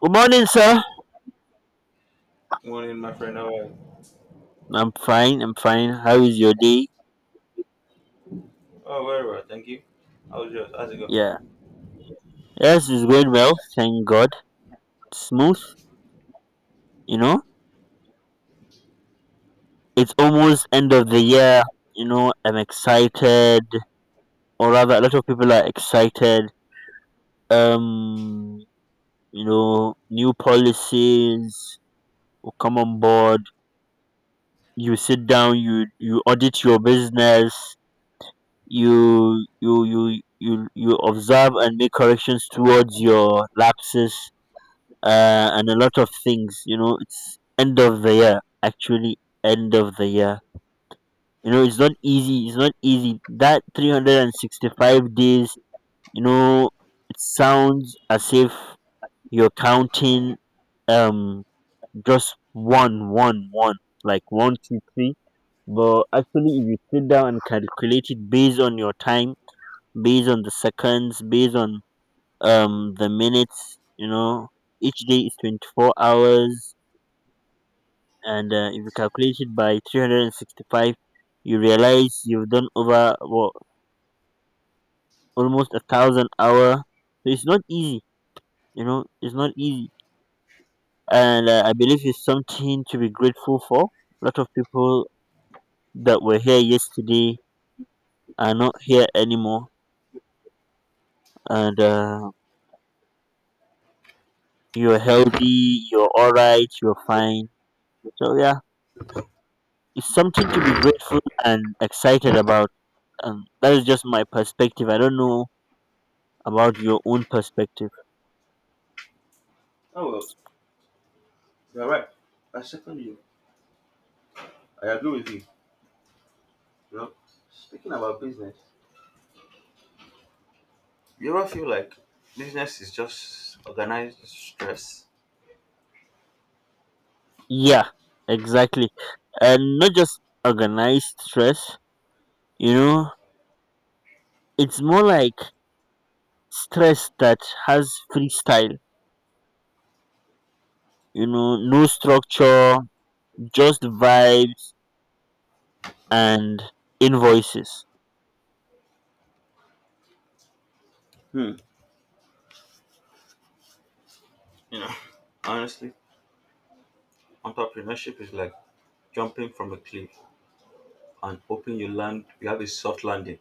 Good morning, sir. Morning, my friend. How are you? I'm fine. I'm fine. How is your day? Oh, very well, thank you. How's yours? How's it Yeah. going? Yes, it's going well. Thank God. Smooth. You know, it's almost end of the year. You know, I'm excited, or rather, a lot of people are excited. Um, you know, new policies will come on board. You sit down. You audit your business. You observe and make corrections towards your lapses and a lot of things. You know, it's end of the year. Actually, end of the year. You know, it's not easy. It's not easy. That 365 days. You know, it sounds as if you're counting um just one, one, one, like one, two, three. But actually, if you sit down and calculate it based on your time, based on the seconds, based on the minutes, you know, each day is 24 hours, and if you calculate it by 365, you realize you've done over, well, almost 1,000 hour, so it's not easy. You know, it's not easy. And I believe it's something to be grateful for. A lot of people that were here yesterday are not here anymore. And you're healthy, you're all right, you're fine. So yeah, it's something to be grateful and excited about. And that is just my perspective. I don't know about your own perspective. Oh, well, you're right. I second you. I agree with you. You know, speaking about business, you ever feel like business is just organized stress? Yeah, exactly. And not just organized stress, you know, it's more like stress that has freestyle, you know, no structure, just vibes and invoices. Hmm. You know, honestly, entrepreneurship is like jumping from a cliff and hoping you land, you have a soft landing.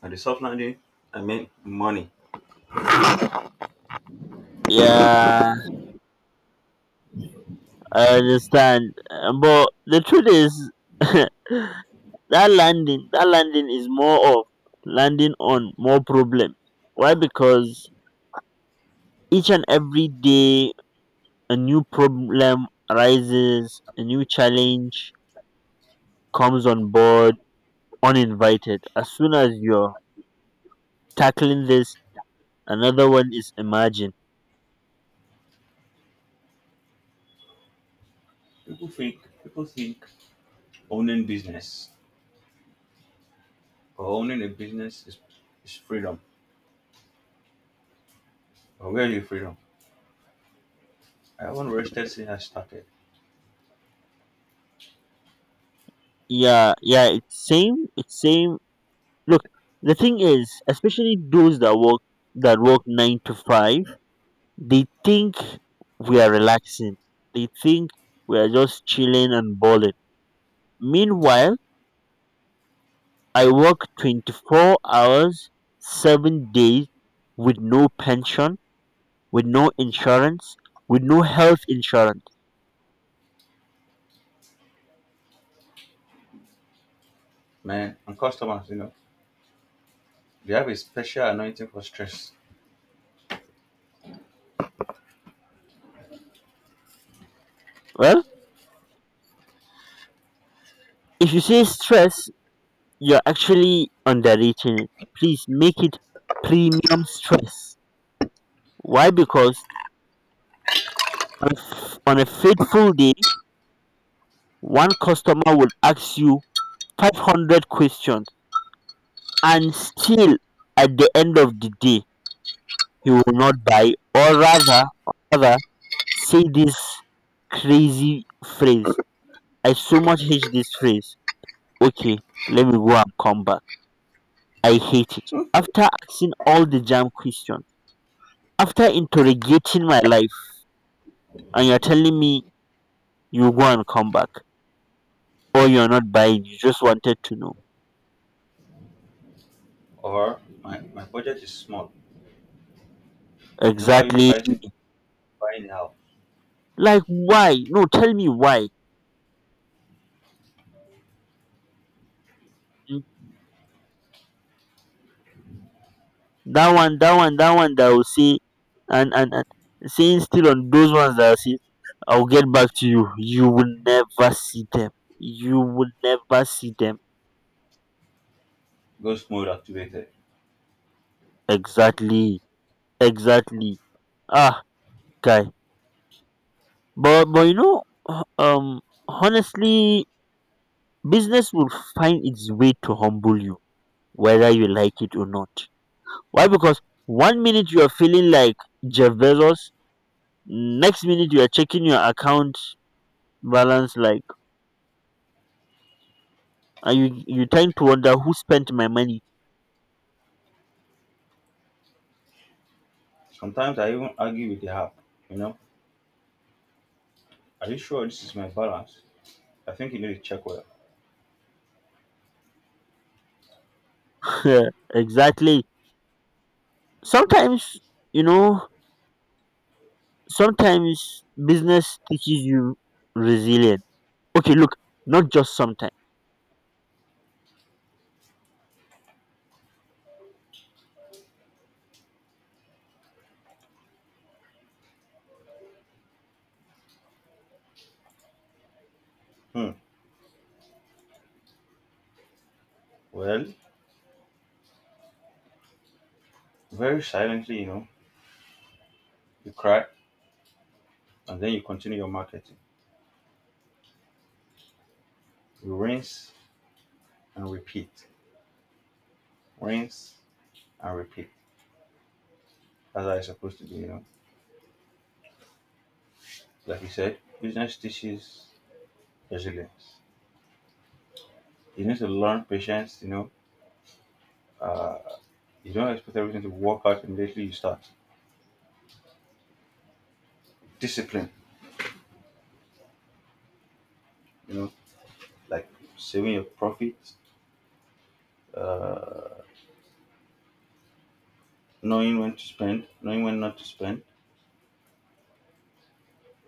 And the soft landing, I mean money. Yeah, I understand. But the truth is, that landing is more of landing on more problem. Why? Because each and every day a new problem arises, a new challenge comes on board uninvited. As soon as you're tackling this, another one is emerging. People think owning business or owning a business is freedom. But where you freedom? I haven't rested since I started. Yeah, yeah, it's same, it's same. Look, the thing is, especially those that work nine to five, they think we are relaxing. They think we are just chilling and balling. Meanwhile, I work 24 hours, 7 days, with no pension, with no insurance, with no health insurance. Man, and customers, you know, they have a special anointing for stress. Well, if you say stress, you're actually underrating it. Please make it premium stress. Why? Because on a fateful day, one customer will ask you 500 questions, and still, at the end of the day, he will not buy, or rather, say this crazy phrase. I so much hate this phrase. Okay, let me go and come back. I hate it. After asking all the jam questions, after interrogating my life, and you're telling me you go and come back, or you're not buying, you just wanted to know. Or my budget is small. Then why are you Exactly. pricing buying the app? Like, why? No, tell me why. Mm, that one that will say, and saying still on those ones that I say, I'll get back to you. You will never see them. You will never see them. Ghost mode activated. Exactly. Exactly. Ah, guy. But you know, h- um, honestly, business will find its way to humble you, whether you like it or not. Why? Because one minute you are feeling like Jeff Bezos, next minute you are checking your account balance like, and you tend to wonder who spent my money. Sometimes I even argue with the app, you know. Are you sure this is my balance? I think you need to check well. Exactly. Sometimes, you know. Sometimes business teaches you resilience. Okay, look, not just sometimes. Hmm. Well, very silently, you know, you cry and then you continue your marketing. You rinse and repeat. Rinse and repeat. That's how it's supposed to be, you know. Like you said, business teaches resilience. You need to learn patience, you know. Uh, you don't expect everything to work out immediately you start. Discipline, you know, like saving your profits, knowing when to spend, knowing when not to spend,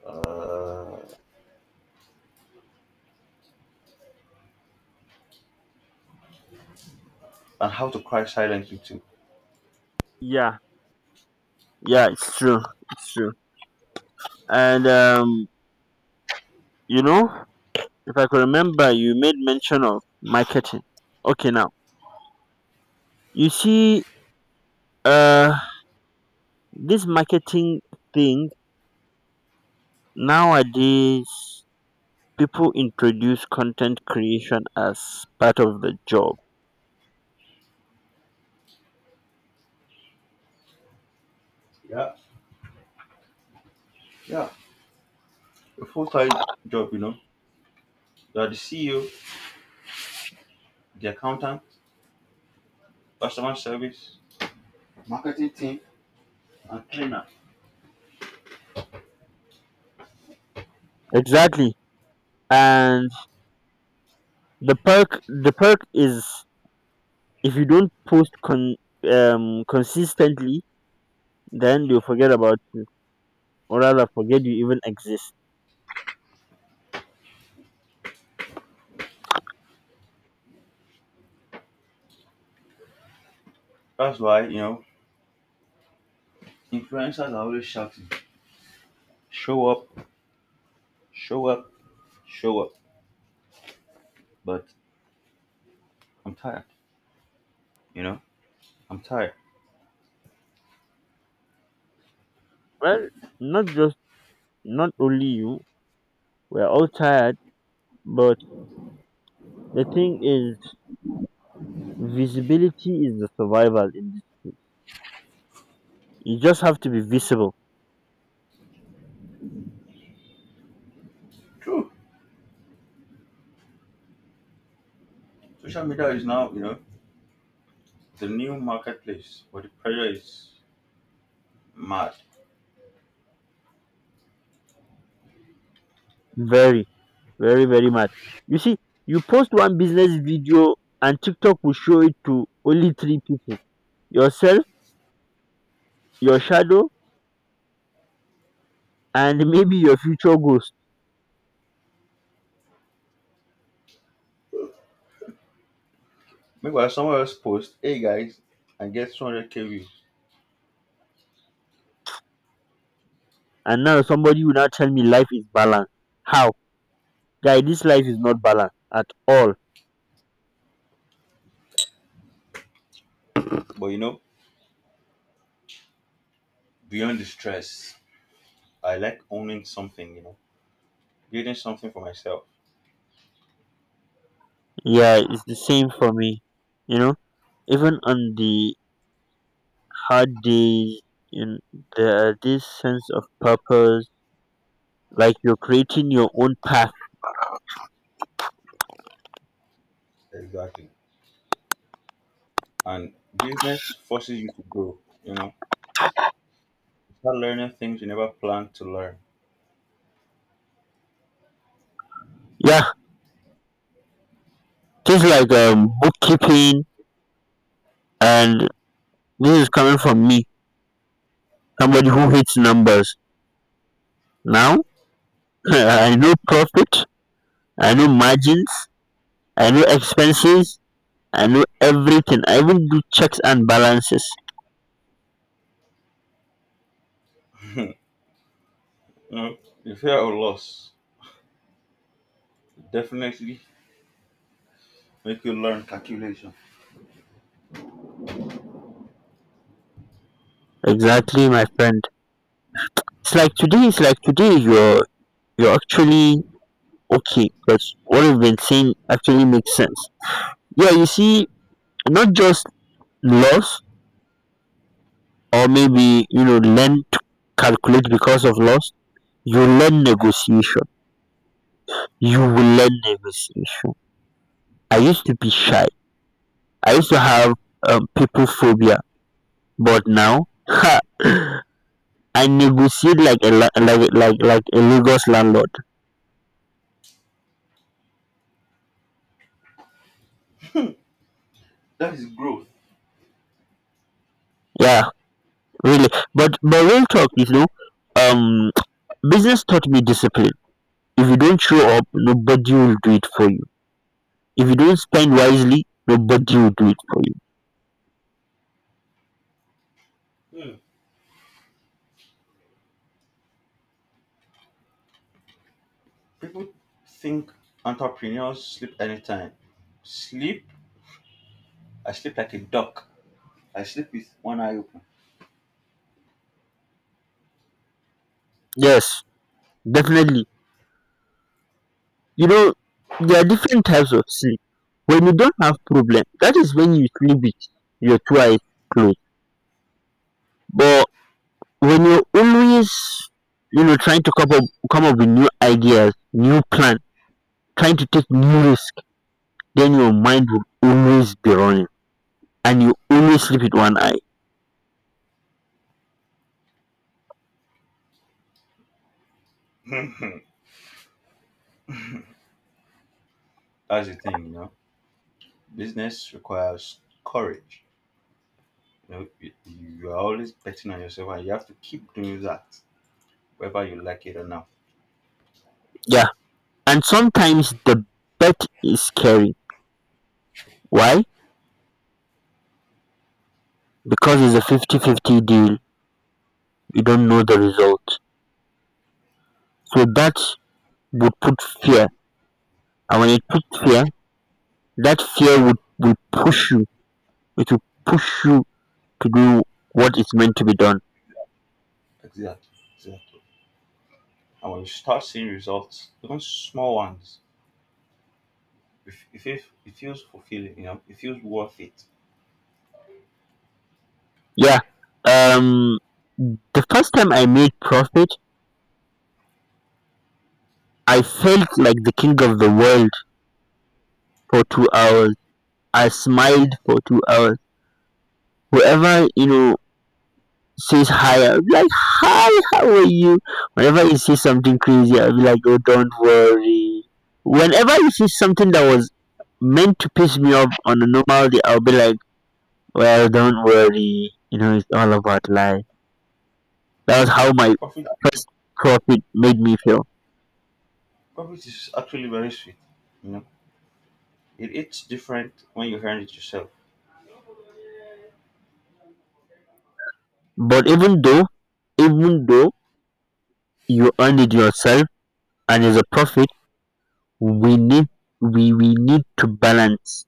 uh, and how to cry silently too. Yeah, yeah, it's true. It's true. And you know, if I could remember, you made mention of marketing. Okay, now you see, uh, this marketing thing nowadays, people introduce content creation as part of the job. Yeah, yeah. A full time job, you know. You are the CEO, the accountant, customer service, marketing team, and trainer. Exactly, and the perk is, if you don't post consistently, then they'll forget about you, or rather, forget you even exist. That's why, you know, influencers are always shouting, show up, show up, show up. But I'm tired, you know. I'm tired. Well, not just not only you. We're all tired, but the thing is, visibility is the survival in this case. You just have to be visible. True. Social media is now, you know, the new marketplace, but the pressure is mad. Very, very, very much. You see, you post one business video and TikTok will show it to only three people: yourself, your shadow, and maybe your future ghost. Meanwhile, someone else posts, hey guys, and get 200k views. And now somebody will now tell me life is balanced. How? Guy, this life is not balanced at all. But you know, beyond the stress, I like owning something, you know, building something for myself. Yeah, it's the same for me. You know, even on the had this in the this sense of purpose, like you're creating your own path. Exactly. And business forces you to grow, you know, start learning things you never planned to learn. Yeah, things like bookkeeping. And this is coming from me, somebody who hates numbers. Now, I know profit, I know margins, I know expenses, I know everything. I even do checks and balances. You know, the fear of loss definitely make you learn calculation. Exactly, my friend. It's like today you're actually okay, because what you've been saying actually makes sense. Yeah, you see. Not just loss, or maybe, you know, learn to calculate because of loss. You learn negotiation. You will learn negotiation. I used to be shy. I used to have people phobia, but now, ha, I negotiate like a la- like a- like like a Lagos landlord. That is growth. Yeah, really. But real talk, you know, um, business taught me discipline. If you don't show up, nobody will do it for you. If you don't spend wisely, nobody will do it for you. People think entrepreneurs sleep anytime. Sleep? I sleep like a duck. I sleep with one eye open. Yes, definitely. You know, there are different types of sleep. When you don't have problem, that is when you sleep with your two eyes closed. But when you're always, you know, trying to come up with new ideas, new plan, trying to take new risk, then your mind will always be running and you always sleep with one eye. That's the thing, you know. Business requires courage. You know, you are always betting on yourself, and you have to keep doing that, whether you like it or not. Yeah. And sometimes the bet is scary. Why? Because it's a fifty-fifty deal. You don't know the result. So that would put fear, and when you pick fear, that fear would will push you. It will push you to do what is meant to be done. Exactly, exactly. And when you start seeing results, even small ones, it feels fulfilling. You know, it feels worth it. Yeah. Um. The first time I made profit, I felt like the king of the world for 2 hours. I smiled for 2 hours. Whoever you know says hi, I'll be like, "Hi, how are you?" Whenever he says something crazy, I'll be like, "Oh, don't worry." Whenever he says something that was meant to piss me off on a normal day, I'll be like, well, don't worry. You know, it's all about life. That was how my Profit, first profit made me feel. profit is actually very sweet. You know, it's different when you earn it yourself. But even though you earned it yourself and it's a profit, we need, we need to balance.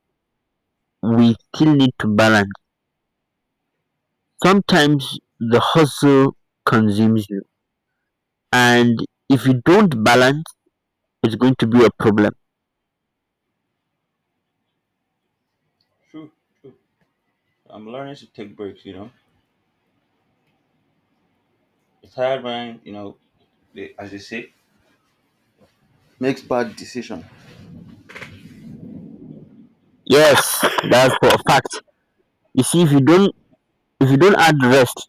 We still need to balance. Sometimes the hustle consumes you. And if you don't balance, it's going to be a problem. True, true. I'm learning to take breaks, you know. The tired mind, you know, they, as they say, makes bad decision. Yes, that's for a fact. You see, if you don't add rest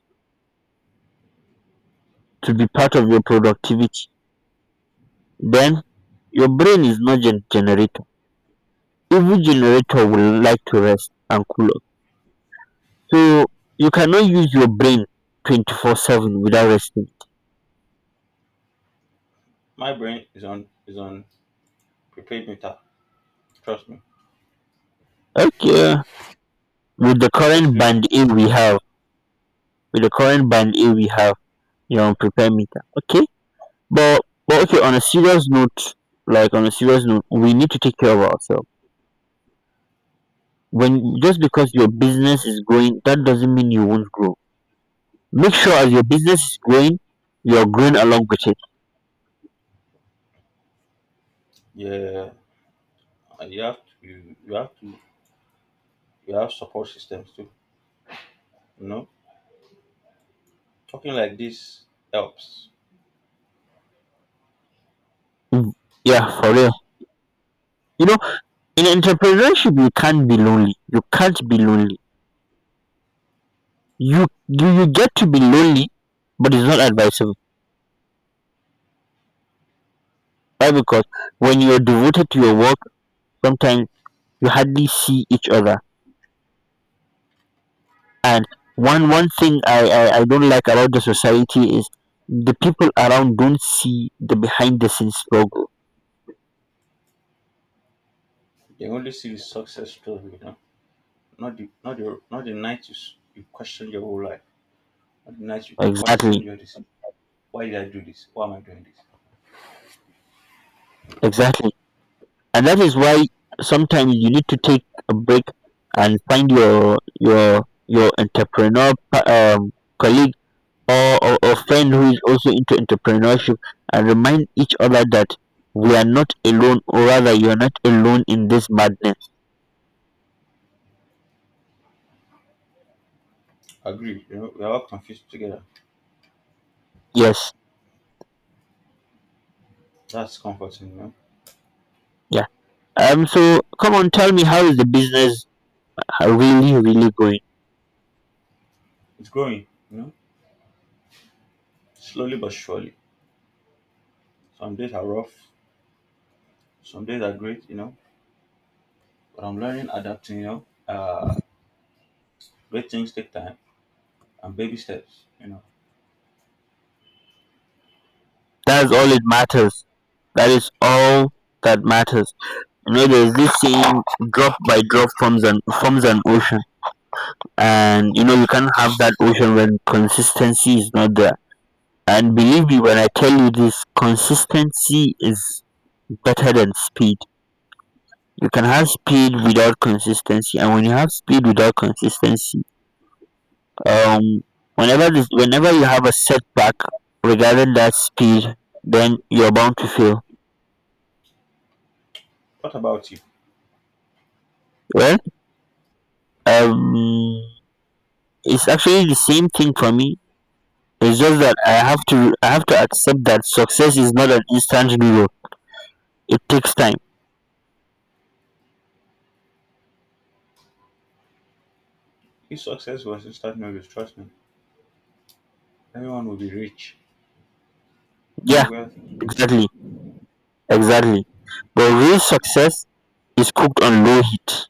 to be part of your productivity, then your brain is not generator. Even generator will like to rest and cool off. So, you cannot use your brain 24/7 without resting. My brain is on prepaid meter. Trust me. Okay. With the current Subscription. band A we have, with the current band A we have, you're on prepare meter. Okay. But, but okay, on a serious note, we need to take care of ourselves. When just because your business is growing, that doesn't mean you won't grow. Make sure as your business is growing, you're growing along with it. Yeah, and you have to you have to you have support systems too. You know, talking like this helps. Mm, yeah, for real. You know, in entrepreneurship, you can't be lonely. You can't be lonely. You get to be lonely, but it's not advisable. Why? Because when you're devoted to your work, sometimes you hardly see each other. And one thing I don't like about the society is the people around don't see the behind the scenes struggle. They only see the success story, you know, not the night you you question your whole life, not the night you Exactly. question your decision. Why did I do this? Why am I doing this? Exactly. And that is why sometimes you need to take a break and find your entrepreneur um, colleague, or friend who is also into entrepreneurship, and remind each other that we are not alone, or rather, you are not alone in this madness. Agree. You know, we are all confused together. Yes. That's comforting, you know. Yeah. So come on, tell me, how is the business really really going? It's growing, you know, slowly but surely. Some days are rough, some days are great, you know. But I'm learning, adapting, you know. Great things take time and baby steps, you know. That's all it matters. That is all that matters. You know, there's this saying, drop by drop forms an ocean. And you know, you can't have that ocean when consistency is not there. And believe me when I tell you this, consistency is better than speed. You can have speed without consistency, and when you have speed without consistency, um whenever you have a setback regarding that speed, then you're bound to fail. What about you? Well, um it's actually the same thing for me. It's just that I have to accept that success is not an instant reward. It takes time. If success was instant noodles, trust me, everyone will be rich. I Yeah. mean, wealthy. Exactly, exactly. But real success is cooked on low heat.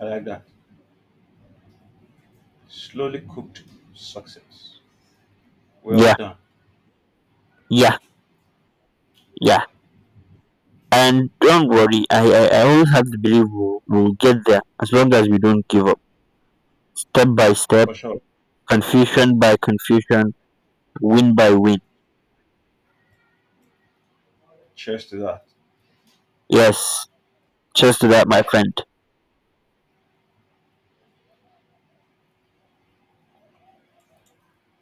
I like that. Slowly cooked success. Well Yeah, done. yeah, yeah. And don't worry, I always have the belief we'll get there as long as we don't give up. Step by step, For sure. confusion by confusion, win by win. Cheers to that. Yes, cheers to that, my friend.